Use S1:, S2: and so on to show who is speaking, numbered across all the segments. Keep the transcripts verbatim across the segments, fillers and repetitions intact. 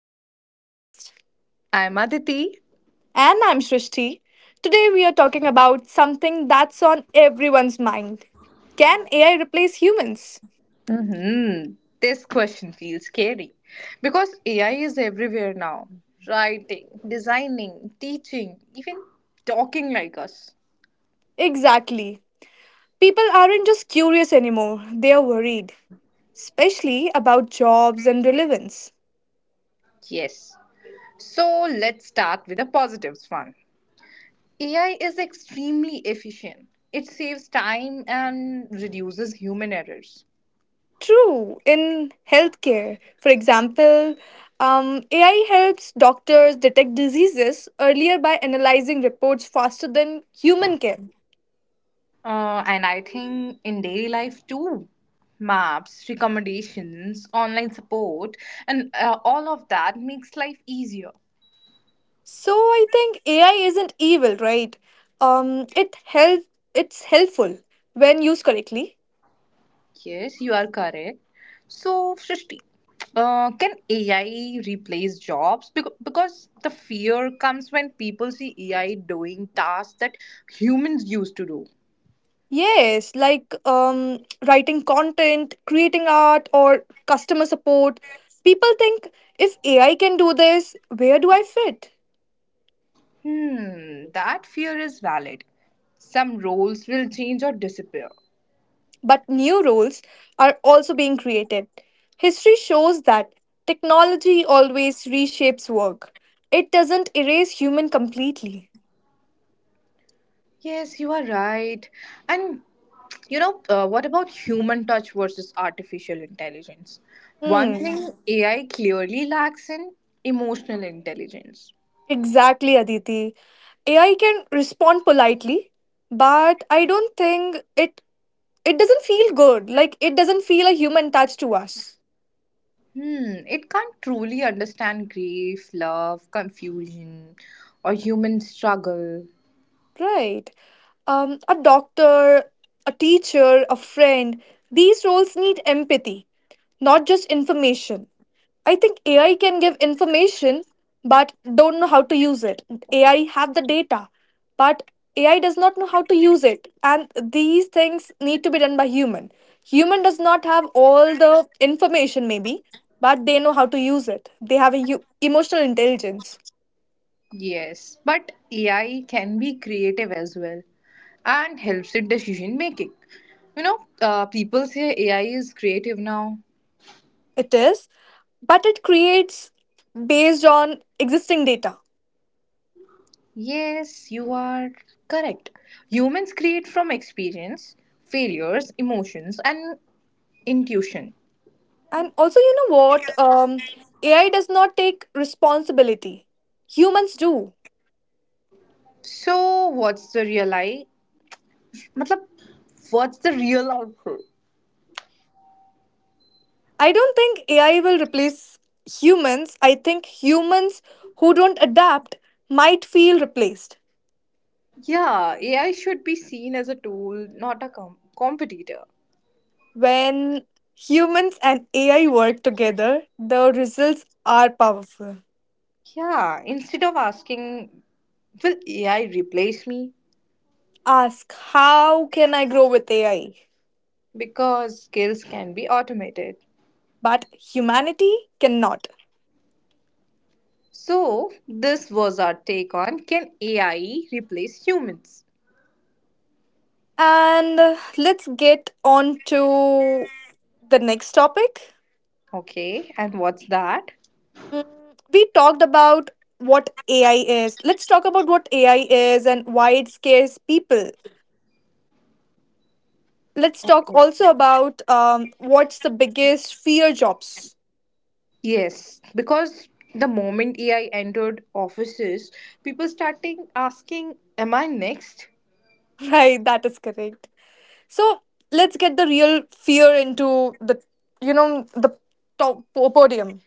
S1: Back to the podcast.
S2: I'm Aditi.
S1: And I'm Shrishti. Today, we are talking about something that's on everyone's mind. Can A I replace humans?
S2: hmm This question feels scary because A I is everywhere now writing, designing, teaching, even talking like us.
S1: Exactly. People aren't just curious anymore, they are worried, especially about jobs and relevance.
S2: Yes. So let's start with the positives one. A I is extremely efficient, it saves time and reduces human errors.
S1: True, in healthcare, for example, um, A I helps doctors detect diseases earlier by analyzing reports faster than human can.
S2: Uh, and I think in daily life too. Maps, recommendations, online support, and uh, all of that makes life easier.
S1: So I think A I isn't evil, right? Um, it help it's helpful when used correctly.
S2: Yes, you are correct. So, Srishti, uh, can A I replace jobs? Because, because the fear comes when people see A I doing tasks that humans used to do.
S1: Yes, like um, writing content, creating art, or customer support. People think, if A I can do this, where do I fit?
S2: Hmm, that fear is valid. Some roles will change or disappear.
S1: But new roles are also being created. History shows that technology always reshapes work. It doesn't erase human completely.
S2: Yes, you are right. And you know, uh, what about human touch versus artificial intelligence? One
S1: Hmm.
S2: thing A I clearly lacks in emotional intelligence.
S1: Exactly, Aditi. A I can respond politely, but I don't think it it doesn't feel good. Like it doesn't feel a human touch to us.
S2: Hmm, it can't truly understand grief, love, confusion, or human struggle.
S1: Right. Um, a doctor, a teacher, a friend, these roles need empathy, not just information. I think A I can give information, but don't know how to use it. A I have the data, but A I does not know how to use it, and these things need to be done by human. Human does not have all the information, maybe, but they know how to use it. They have a u- emotional intelligence.
S2: Yes, but A I can be creative as well and helps in decision making. You know, uh, people say A I is creative now.
S1: It is, but it creates based on existing data.
S2: Yes, you are correct. Humans create from experience, failures, emotions, and intuition.
S1: And also, you know what? Um, A I does not take responsibility. Humans do.
S2: So, what's the real I? मतलब, what's the real output?
S1: I don't think A I will replace humans. I think humans who don't adapt might feel replaced.
S2: Yeah, A I should be seen as a tool, not a com- competitor.
S1: When humans and A I work together, the results are powerful.
S2: Yeah, instead of asking, will A I replace me?
S1: Ask, how can I grow with A I?
S2: Because skills can be automated.
S1: But humanity cannot.
S2: So, this was our take on can A I replace humans?
S1: And uh, let's get on to the next topic.
S2: Okay, and what's that?
S1: Mm, We talked about what A I is. Let's talk about what A I is and why it scares people. Let's talk also about um, what's the biggest fear, jobs.
S2: Yes, because the moment A I entered offices, people starting asking, am I next?
S1: Right, that is correct. So let's get the real fear into the you know the top podium.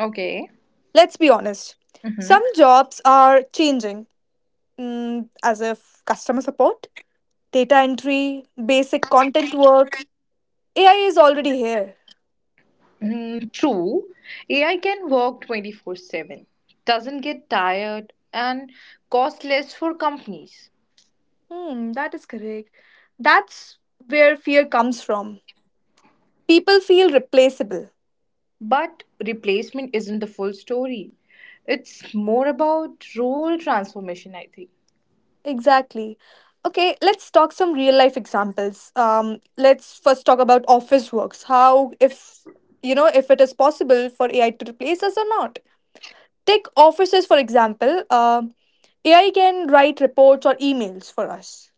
S2: Okay.
S1: Let's be honest.
S2: Mm-hmm.
S1: Some jobs are changing, mm, as if customer support, data entry, basic content work. A I is already here.
S2: Mm, true, A I can work twenty four seven, doesn't get tired, and costs less for companies.
S1: Hmm, that is correct. That's where fear comes from. People feel replaceable.
S2: But replacement isn't the full story. It's more about role transformation, I think.
S1: Exactly. Okay, let's talk some real life examples. Um, let's first talk about office works. How, if you know if it is possible for A I to replace us or not. Take offices for example. Um, A I can write reports or emails for us.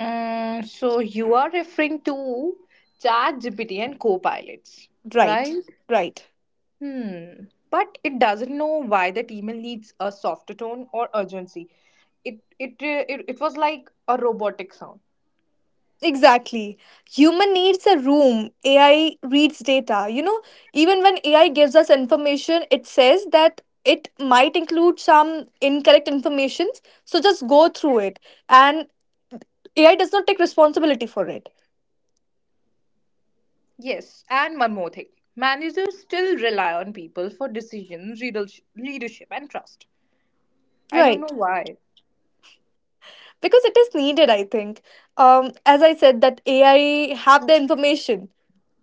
S2: Mm, so you are referring to ChatGPT and co-pilots,
S1: Right.
S2: right?
S1: Right.
S2: Hmm. But it doesn't know why that email needs a softer tone or urgency. It it uh, it, it was like a robotic sound.
S1: Exactly. Human needs a room. A I reads data. You know, even when A I gives us information, it says that it might include some incorrect informations. So just go through it. And A I does not take responsibility for it.
S2: Yes, and one more thing. Managers still rely on people for decisions, readersh- leadership, and trust. I don't
S1: Right.
S2: know why.
S1: Because it is needed, I think. Um, as I said, that A I have the information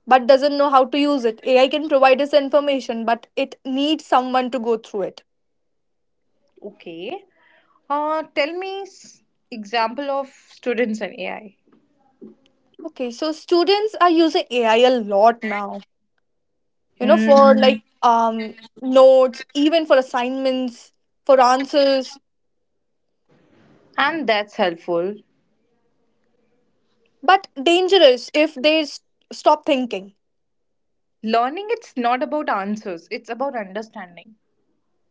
S1: but doesn't know how to use it. A I can provide us the information, but it needs someone to go through it.
S2: Okay. Uh, tell me s- example of students and A I.
S1: Okay, so students are using A I a lot now. you know for like
S2: Mm,
S1: um notes, even for assignments, for answers,
S2: and that's helpful.
S1: but dangerous if they s- stop thinking.
S2: Learning, it's not about answers, it's about understanding.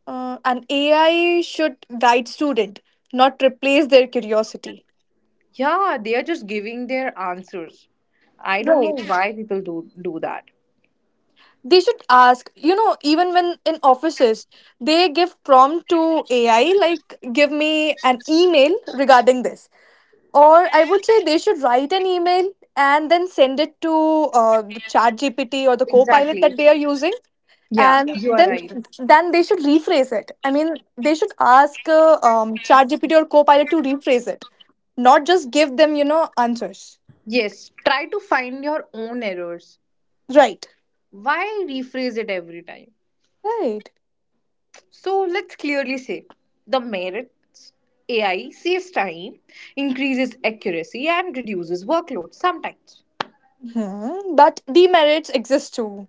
S1: Uh, and AI should guide student, not replace their curiosity.
S2: Yeah, they are just giving their answers. I don't know
S1: Right,
S2: why people do, do that.
S1: they should ask, you know even when in offices, they give prompt to AI, like, give me an email regarding this. Or I would say they should write an email and then send it to uh, the chat G P T or the co-pilot
S2: Exactly.
S1: that they are using.
S2: Yeah,
S1: And, yeah,
S2: you are
S1: then,
S2: right.
S1: then they should rephrase it. I mean, they should ask uh, um, chat G P T or co-pilot to rephrase it, not just give them, you know, answers.
S2: Yes, try to find your own errors.
S1: Right.
S2: Why rephrase it every time?
S1: Right.
S2: So let's clearly say the merits. A I saves time, increases accuracy, and reduces workload sometimes.
S1: Hmm. But demerits exist too.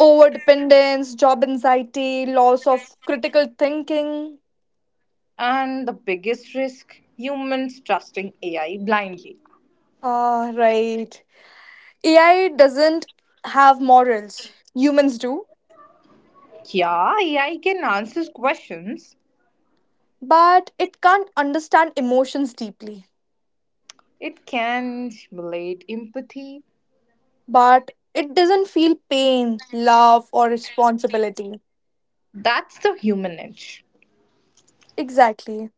S1: Overdependence, job anxiety, loss of critical thinking.
S2: And the biggest risk, humans trusting A I blindly.
S1: Ah, right. A I doesn't have morals, humans do,
S2: Yeah, A I can answer questions,
S1: but it can't understand emotions deeply.
S2: it can simulate empathy.
S1: But it doesn't feel pain, love, or responsibility.
S2: That's the human edge.
S1: Exactly.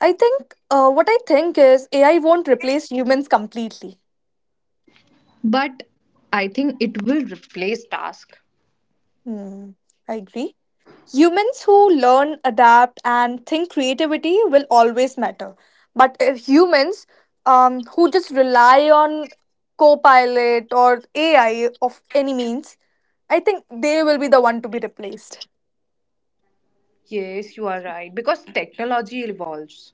S1: I think uh, what I think is A I won't replace humans completely.
S2: But I think it will replace tasks.
S1: Hmm, I agree. Humans who learn, adapt, and think creativity will always matter. But if humans, um, who just rely on copilot or A I of any means, I think they will be the one to be replaced.
S2: Yes, you are right because technology evolves.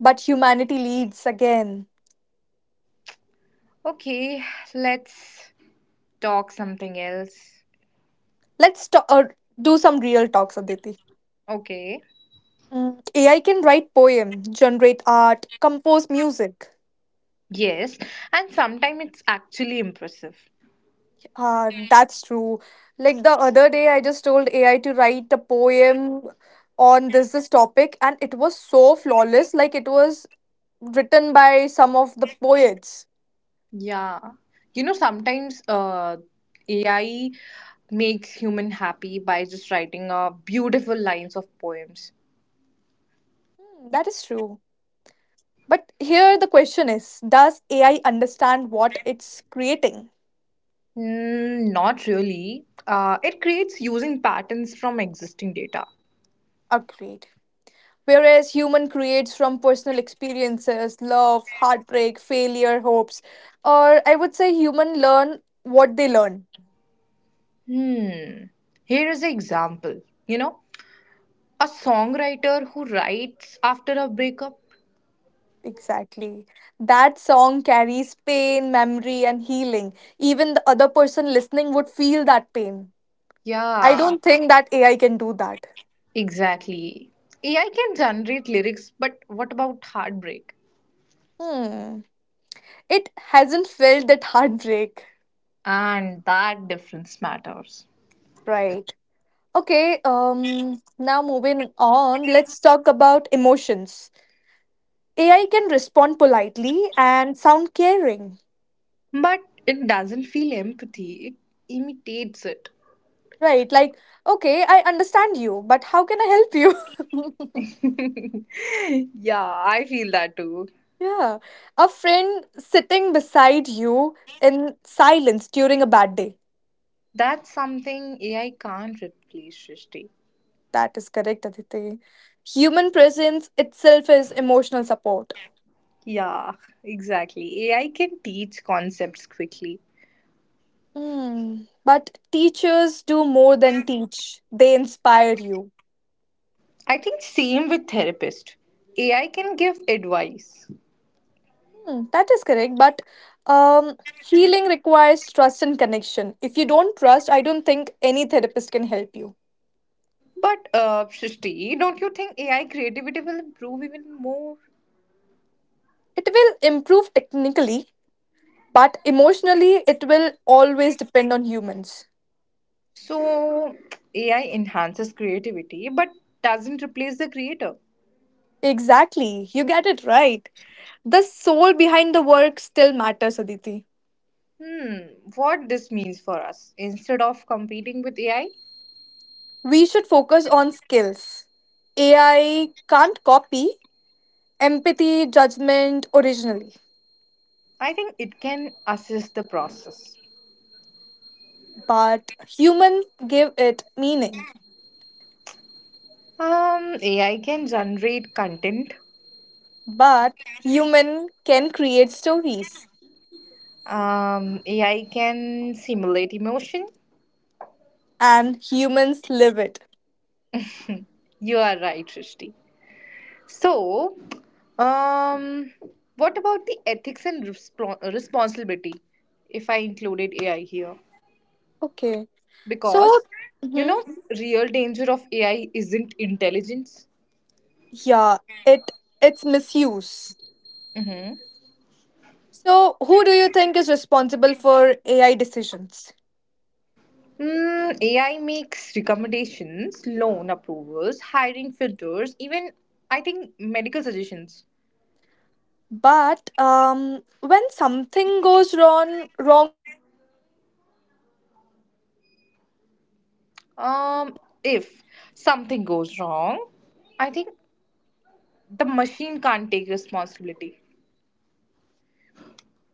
S1: But humanity leads again.
S2: Okay, let's talk something else.
S1: Let's ta- uh, do some real talks, Aditi.
S2: Okay.
S1: Mm, A I can write poem, generate art, compose music.
S2: Yes, and sometimes it's actually impressive.
S1: Ah, that's true. Like the other day, I just told A I to write a poem on this this topic, and it was so flawless. Like it was written by some of the poets.
S2: Yeah. You know, sometimes uh, A I makes human happy by just writing uh, beautiful lines of poems.
S1: Hmm, that is true. But here the question is, does A I understand what it's creating?
S2: Mm, not really. Uh, it creates using patterns from existing data.
S1: Agreed. Whereas human creates from personal experiences, love, heartbreak, failure, hopes, or I would say human learn what they learn.
S2: Hmm. Here is an example. You know, a songwriter who writes after a breakup.
S1: Exactly. That song carries pain, memory, and healing. Even the other person listening would feel that pain. I
S2: Yeah.
S1: don't think that A I can do that.
S2: Exactly. A I can generate lyrics, but what about heartbreak?
S1: Hmm. It hasn't felt that heartbreak.
S2: And that difference matters.
S1: Right. Okay, um now moving on, let's talk about emotions. A I can respond politely and sound caring.
S2: But it doesn't feel empathy, it imitates it.
S1: Right, like, okay, I understand you, but how can I help you?
S2: Yeah, I feel that too.
S1: Yeah. A friend sitting beside you in silence during a bad day.
S2: That's something A I can't replace, Shristi.
S1: That is correct, Aditi. Human presence itself is emotional support.
S2: Yeah, exactly. A I can teach concepts quickly.
S1: Hmm. But teachers do more than teach, they inspire you.
S2: I think same with therapist. A I can give advice.
S1: Hmm, that is correct. But um, healing requires trust and connection. If you don't trust, I don't think any therapist can help you.
S2: But uh, Shrishti, don't you think A I creativity will improve even more?
S1: It will improve technically, but emotionally, it will always depend on humans.
S2: So A I enhances creativity, but doesn't replace the creator.
S1: Exactly, you get it right. The soul behind the work still matters, Aditi.
S2: Hmm, what this means for us? Instead of competing with A I, I
S1: We should focus on skills. A I can't copy empathy, judgment originally,
S2: I think it can assist the process.
S1: but human give it meaning.
S2: Um, A I can generate content.
S1: But human can create stories
S2: Um, A I can simulate emotion.
S1: and humans live it.
S2: You are right, Shrishti. So, um, what about the ethics and respon responsibility if I included A I here?
S1: Okay. So,
S2: Because, you
S1: mhm,
S2: know, real danger of A I isn't intelligence.
S1: yeah, it it's misuse.
S2: Mm-hmm.
S1: So, who do you think is responsible for A I decisions?
S2: Mm, A I makes recommendations, loan approvals, hiring filters, even I think medical suggestions.
S1: But um, when something goes wrong, wrong
S2: Um, if something goes wrong, I think the machine can't take responsibility.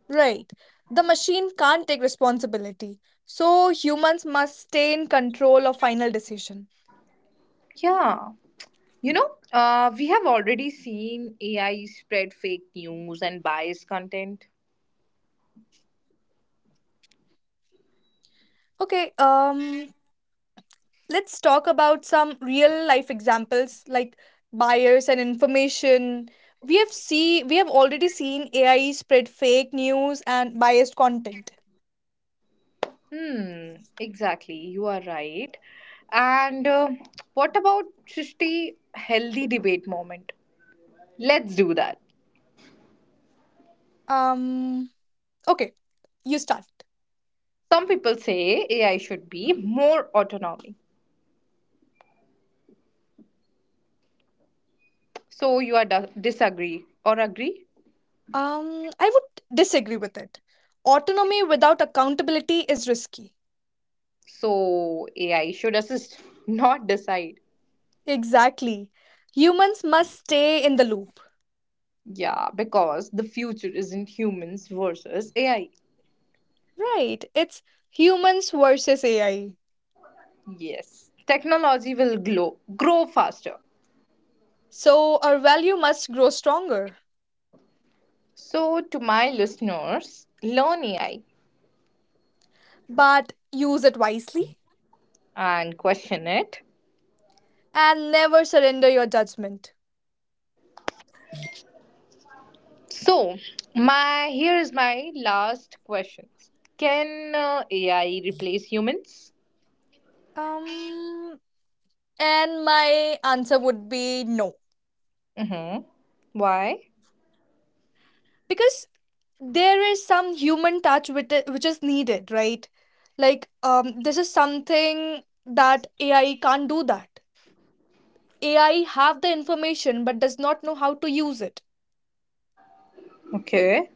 S1: Right. The machine can't take responsibility. So humans must stay in control of final decision.
S2: Yeah. You know, uh, we have already seen A I spread fake news and biased content.
S1: Okay, um, let's talk about some real life examples like bias and information. We have see we have already seen A I spread fake news and biased content.
S2: Hmm, exactly. You are right. And uh, what about Srishti healthy debate moment? Let's do that.
S1: Um, okay, you start.
S2: Some people say A I should be more autonomy. So you are dis- disagree or agree?
S1: Um, I would disagree with it. Autonomy without accountability is risky.
S2: So A I should assist, not decide.
S1: Exactly. Humans must stay in the loop.
S2: Yeah, because the future isn't humans versus A I.
S1: Right, it's humans versus A I.
S2: Yes, technology will grow, grow faster.
S1: So our value must grow stronger.
S2: So, to my listeners, learn A I
S1: But use it wisely
S2: and question it.
S1: and never surrender your judgment.
S2: So, my here is my last question: can uh, A I replace humans?
S1: Um, and my answer would be no,
S2: Mm-hmm. Why?
S1: because there is some human touch with it, which is needed, right? Like, um, this is something that A I can't do. That A I have the information but does not know how to use it.
S2: Okay.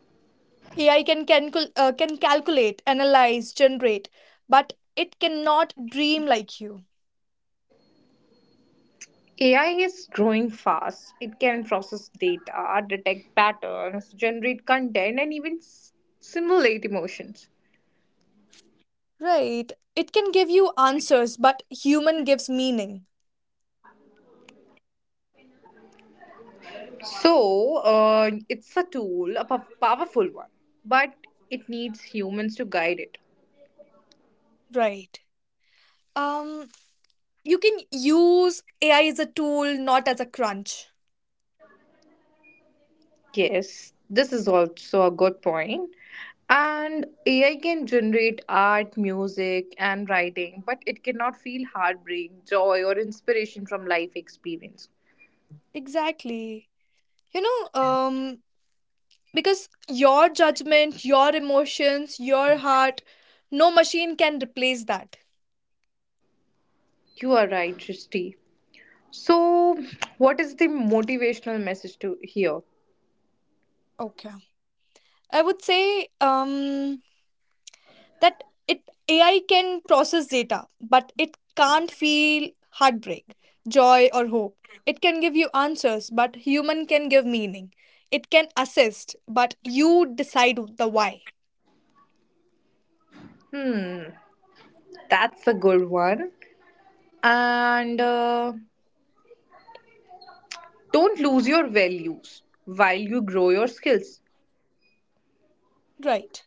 S1: A I can calcul- uh, can calculate, analyze, generate, but it cannot dream like you.
S2: A I is growing fast. It can process data, detect patterns, generate content, and even s- simulate emotions.
S1: Right. It can give you answers, but human gives meaning.
S2: So, uh, it's a tool, a pow- powerful one, but it needs humans to guide it.
S1: Right. Um you can use A I as a tool, not as a crunch.
S2: Yes, this is also a good point. And A I can generate art, music, and writing, but it cannot feel heartbreak, joy, or inspiration from life experience.
S1: Exactly. You know, um because your judgment, your emotions, your heart, no machine can replace that.
S2: You are right, Shristi. So, what is the motivational message to here?
S1: Okay. I would say um that it A I can process data, but it can't feel heartbreak, joy, or hope. It can give you answers, but human can give meaning. It can assist, but you decide the why.
S2: Hmm, that's a good one. And uh, don't lose your values while you grow your skills.
S1: Right.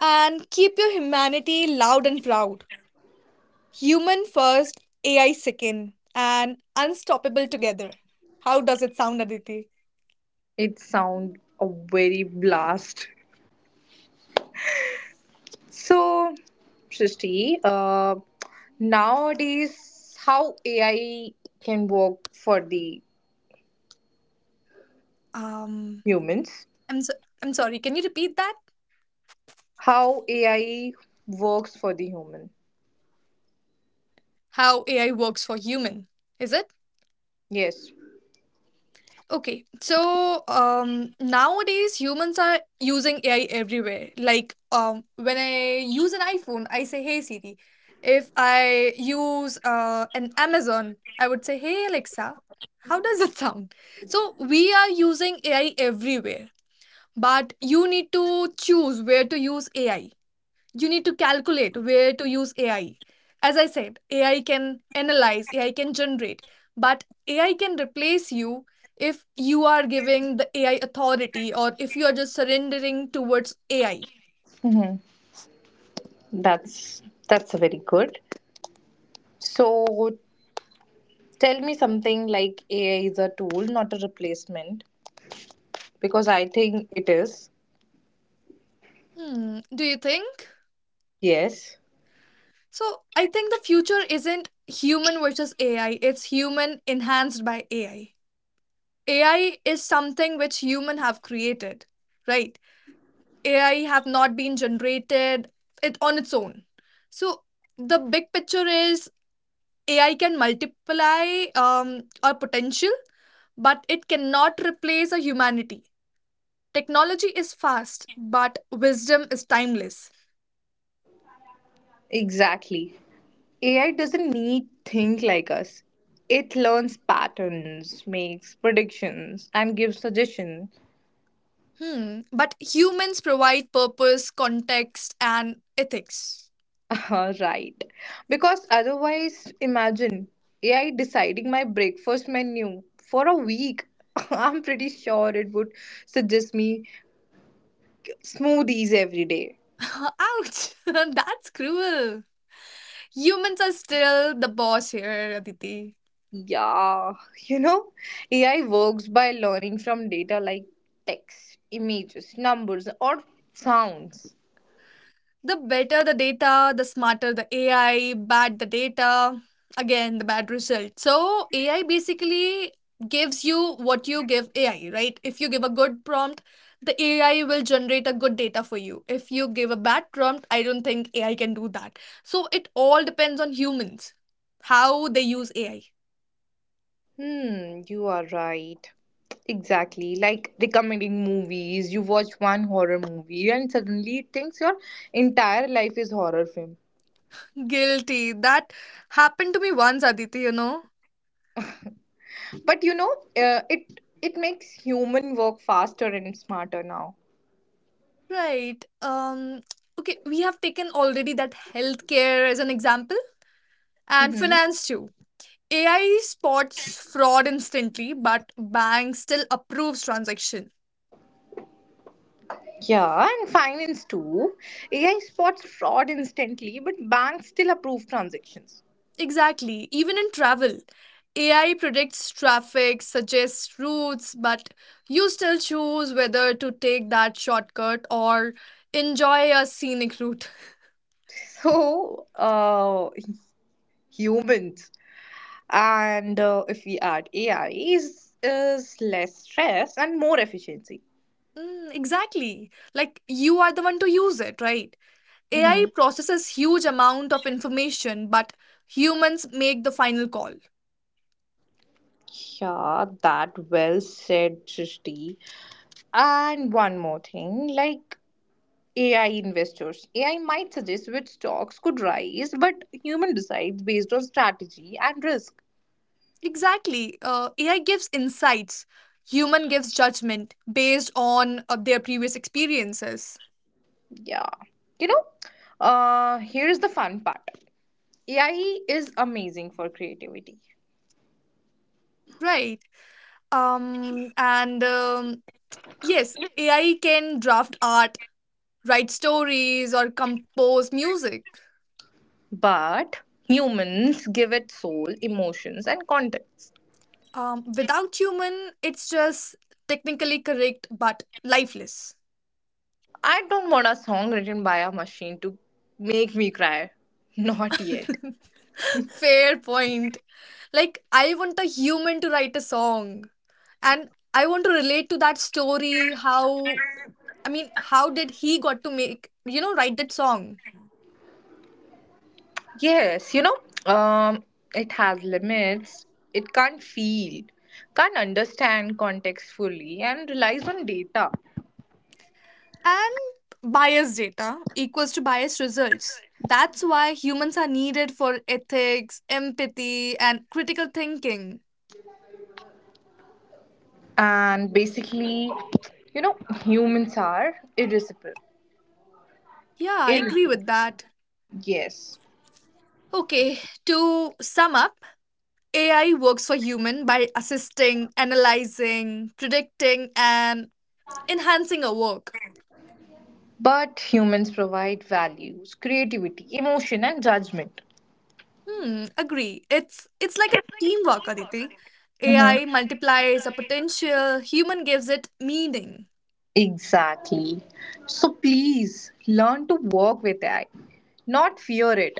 S1: And keep your humanity loud and proud. Human first, A I second, and unstoppable together. How does it sound, Aditi?
S2: It sounds a very blast. So, Srishti, uh, nowadays how A I can work for the
S1: Um,
S2: humans?
S1: I'm so- I'm sorry. Can you repeat that?
S2: How A I works for the human?
S1: How A I works for human? Is it?
S2: Yes,
S1: Okay, so um, nowadays humans are using A I everywhere. Like um, when I use an iPhone, I say "Hey Siri." If I use uh, an Amazon, I would say "Hey Alexa." How does it sound? So we are using A I everywhere, but you need to choose where to use A I. You need to calculate where to use A I. As I said, A I can analyze, A I can generate, but A I can replace you if you are giving the A I authority or if you are just surrendering towards A I.
S2: that's that's very good. So, tell me something like A I is a tool, not a replacement, because I think it is.
S1: Hmm, do you think?
S2: Yes.
S1: So, I think the future isn't human versus A I, it's human enhanced by A I. A I is something which human have created, right? A I have not been generated it on its own. So the big picture is A I can multiply um, our potential, but it cannot replace our humanity. Technology is fast, but wisdom is timeless.
S2: Exactly. A I doesn't need think like us. It learns patterns, makes predictions, and gives suggestions.
S1: Hmm. But humans provide purpose, context, and ethics.
S2: Right. Because otherwise, imagine A I deciding my breakfast menu for a week. I'm pretty sure it would suggest me smoothies every day.
S1: Ouch! That's cruel. Humans are still the boss here, Aditi.
S2: Yeah, you know, A I works by learning from data like text, images, numbers, or sounds.
S1: The better the data, the smarter the A I, bad the data, again, the bad result. So, A I basically gives you what you give A I, right? If you give a good prompt, the A I will generate a good data for you. If you give a bad prompt, I don't think A I can do that. So, it all depends on humans, how they use A I.
S2: Hmm, you are right. Exactly. Like recommending movies. You watch one horror movie and suddenly it thinks your entire life is horror film.
S1: Guilty. That happened to me once, Aditi, you know?
S2: But you know, uh, it it makes human work faster and smarter now.
S1: Right. Um, okay, we have taken already that healthcare as an example. And
S2: Mm-hmm.
S1: finance too. A I spots fraud instantly, but bank still approves transaction.
S2: Yeah, and finance too. A I spots fraud instantly, but banks still approve transactions.
S1: Exactly. Even in travel, A I predicts traffic, suggests routes, but you still choose whether to take that shortcut or enjoy a scenic route.
S2: So, uh, humans, and uh, if we add A I, is is less stress and more efficiency.
S1: Mm, exactly. Like you are the one to use it, right? A I
S2: Mm-hmm.
S1: processes huge amount of information, but humans make the final call.
S2: Yeah, that well said, Srishti. And one more thing, like A I investors, A I might suggest which stocks could rise, but human decides based on strategy and risk.
S1: Exactly. Uh, A I gives insights, human gives judgment based on uh, their previous experiences.
S2: Yeah, you know. Uh, here is the fun part. A I is amazing for creativity,
S1: Right. Um, and um, yes, A I can draft art, write stories, or compose music.
S2: but humans give it soul, emotions, and context.
S1: Um, without human, it's just technically correct but lifeless.
S2: I don't want a song written by a machine to make me cry. Not yet.
S1: Fair point. Like, I want a human to write a song and I want to relate to that story how I mean, how did he got to make you know write that song?
S2: Yes, you know, um, it has limits. It can't feel, can't understand context fully, and relies on data.
S1: And bias data equals to biased results. That's why humans are needed for ethics, empathy, and critical thinking.
S2: And basically, you know, humans are irreplaceable.
S1: Yeah, I agree with
S2: Irreplaceable.
S1: that.
S2: Yes.
S1: Okay, to sum up, A I works for human by assisting, analyzing, predicting, and enhancing our work.
S2: But humans provide values, creativity, emotion, and judgment.
S1: Hmm, agree. It's it's like a teamwork, Aditi.
S2: Mhm.
S1: A I multiplies a potential, human gives it meaning.
S2: Exactly. So please learn to work with A I, not fear it.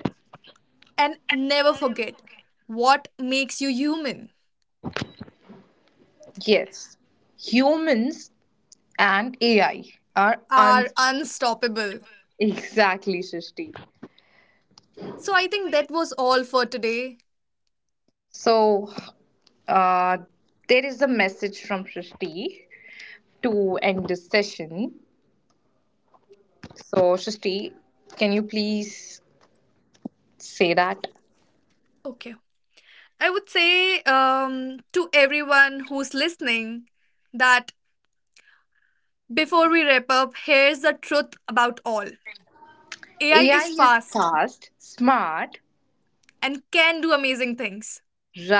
S1: And never forget, what makes you human
S2: Yes, humans and A I are
S1: are
S2: unstoppable.
S1: unstoppable.
S2: Exactly, Srishti.
S1: So I think that was all for today.
S2: So uh, there is a message from Srishti to end this session. So Srishti, can you please say that?
S1: Okay. I would say um, to everyone who's listening that before we wrap up, here's the truth about all A I
S2: A I
S1: is
S2: is
S1: fast
S2: fast, smart,
S1: and can do amazing things.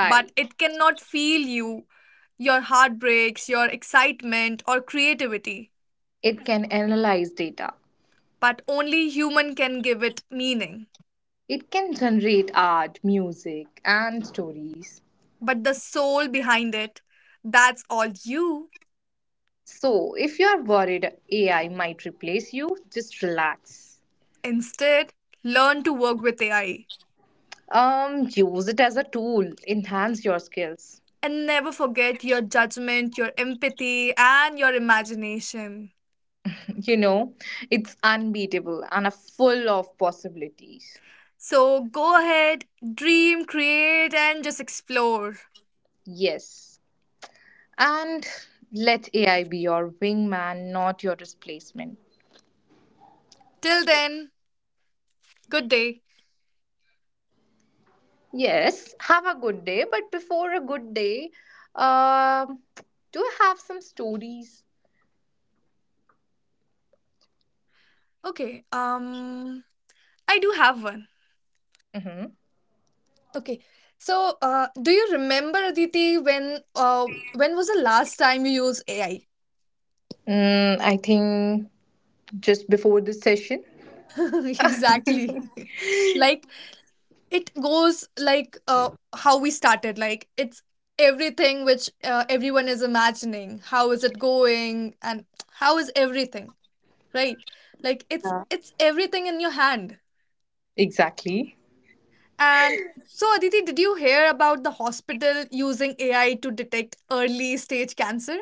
S1: But it cannot feel you, your heartbreaks, your excitement, or creativity.
S2: It can analyze data.
S1: But only human can give it meaning.
S2: It can generate art, music, and stories.
S1: But the soul behind it, that's all you.
S2: So, if you are worried A I might replace you, just relax.
S1: Instead, learn to work with A I
S2: Um, use it as a tool, enhance your skills.
S1: and never forget your judgment, your empathy, and your imagination.
S2: You know, it's unbeatable and a full of possibilities.
S1: So go ahead, dream, create, and just explore.
S2: Yes. And let A I be your wingman, not your displacement.
S1: Till then, good day.
S2: Yes, have a good day, but before a good day, um, do I have some stories?
S1: Okay, um, I do have one.
S2: Mhm.
S1: Okay. So, uh, do you remember, Aditi, when uh, when was the last time you used A I?
S2: Mm, I think just before this session.
S1: Exactly. Like it goes like uh, how we started. Like it's everything which uh, everyone is imagining. How is it going? And how is everything, right? Like it's it's everything in your hand.
S2: Exactly.
S1: And so, Aditi, did you hear about the hospital using A I to detect early stage cancer?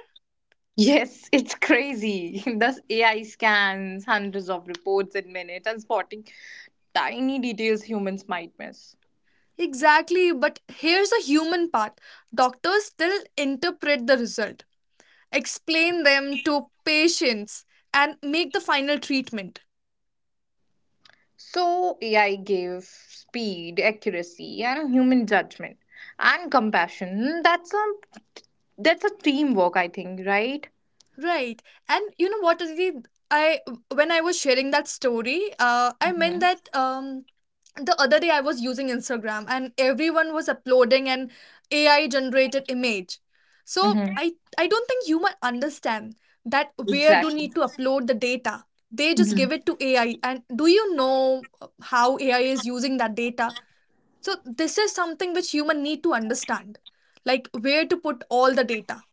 S2: Yes, it's crazy. Thus, A I scans hundreds of reports in minutes and spotting tiny details humans might miss.
S1: Exactly, but here's a human part. Doctors still interpret the result, explain them to patients, and make the final treatment.
S2: So, A I gave speed, accuracy, and human judgment and compassion. That's a that's a teamwork, I think, right?
S1: Right. And you know what, Aditi? I When I was sharing that story, uh, I meant
S2: Mm-hmm.
S1: that um the other day I was using Instagram and everyone was uploading an A I generated image. So
S2: Mm-hmm.
S1: I I don't think human understand that where do
S2: Exactly.
S1: need to upload the data. They just
S2: hmm
S1: give it to A I. And do you know uh, how A I is using that data? So this is something which human need to understand, like where to put all the data,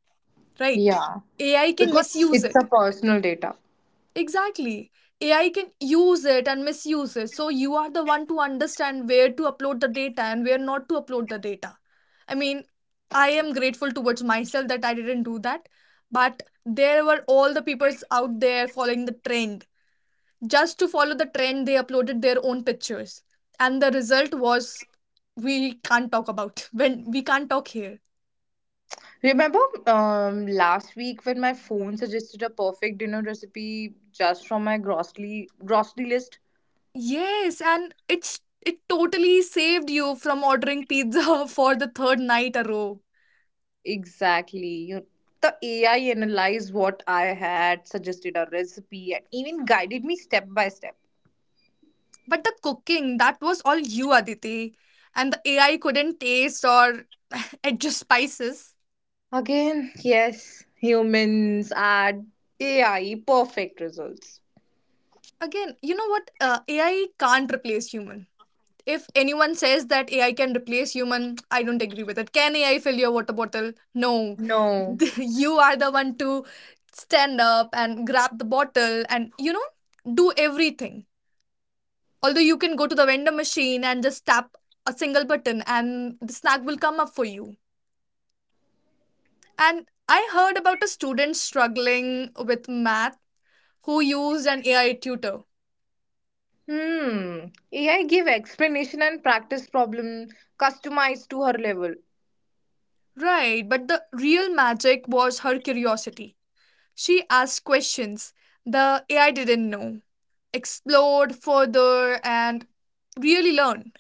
S1: right?
S2: Yeah,
S1: A I can
S2: because
S1: misuse
S2: it's a
S1: it.
S2: personal data.
S1: Exactly. A I can use it and misuse it. So you are the one to understand where to upload the data and where not to upload the data. I mean, I am grateful towards myself that I didn't do that. But there were all the peoples out there following the trend. Just to follow the trend, they uploaded their own pictures. And the result was we can't talk about when we can't talk here.
S2: Remember um, last week when my phone suggested a perfect dinner recipe just from my grocery grocery list?
S1: Yes, and it's it totally saved you from ordering pizza for the third night a row.
S2: Exactly. You, the A I analyzed what I had, suggested a recipe, and even guided me step by step.
S1: But the cooking, that was all you, Aditi. And the A I couldn't taste or adjust spices.
S2: Again, yes, humans add A I perfect results.
S1: Again, you know what? Uh, A I can't replace human. If anyone says that A I can replace human, I don't agree with it. Can A I fill your water bottle? No.
S2: No.
S1: You are the one to stand up and grab the bottle and, you know, do everything. Although you can go to the vendor machine and just tap a single button and the snack will come up for you. And I heard about a student struggling with math who used an A I tutor.
S2: Hmm. A I give explanation and practice problem customized to her level.
S1: Right, but the real magic was her curiosity. She asked questions the A I didn't know, explored further, and really learned.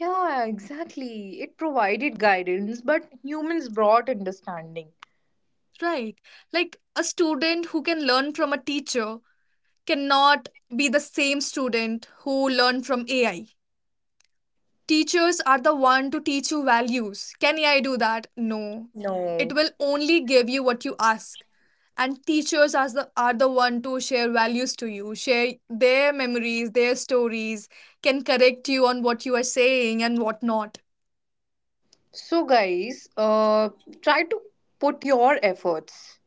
S2: Yeah, exactly. It provided guidance, but humans brought understanding.
S1: Right, like a student who can learn from a teacher cannot be the same student who learned from A I. Teachers are the one to teach you values. Can A I do that? No.
S2: No.
S1: It will only give you what you ask. And teachers are the, are the one to share values to you, share their memories, their stories, can correct you on what you are saying and what not.
S2: So, guys, uh, try to put your efforts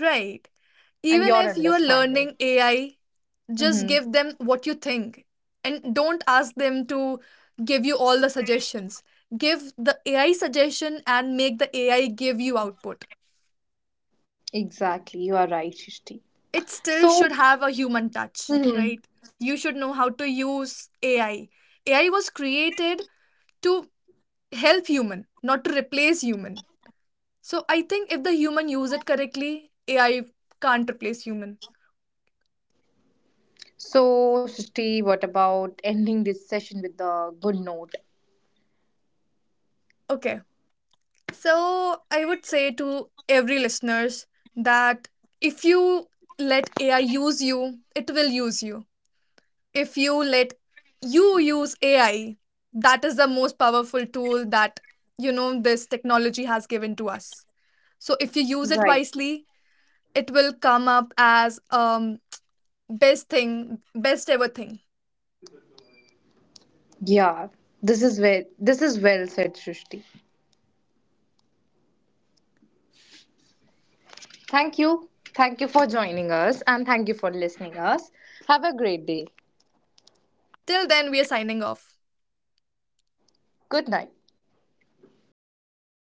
S1: Right.
S2: and
S1: Even
S2: your
S1: if you are
S2: understanding.
S1: learning A I, just
S2: Mm-hmm.
S1: give them what you think and don't ask them to give you all the suggestions. Give the A I suggestion and make the A I give you output.
S2: Exactly. You are right, Shishti.
S1: It still should
S2: So,
S1: have a human touch,
S2: mhm.
S1: right? You should know how to use A I. A I was created to help human, not to replace human. So I think if the human use it correctly, A I can't replace human.
S2: So Shishti, what about ending this session with a good note?
S1: Okay. So I would say to every listeners that if you let A I use you, it will use you. If you let you use A I, that is the most powerful tool that you know this technology has given to us. So if you use it
S2: Right.
S1: wisely, it will come up as um best thing, best ever thing.
S2: Yeah. This is well. This is well said, Shishti. Thank you. Thank you for joining us, and thank you for listening us. Have a great day.
S1: Till then, we are signing off.
S2: Good night.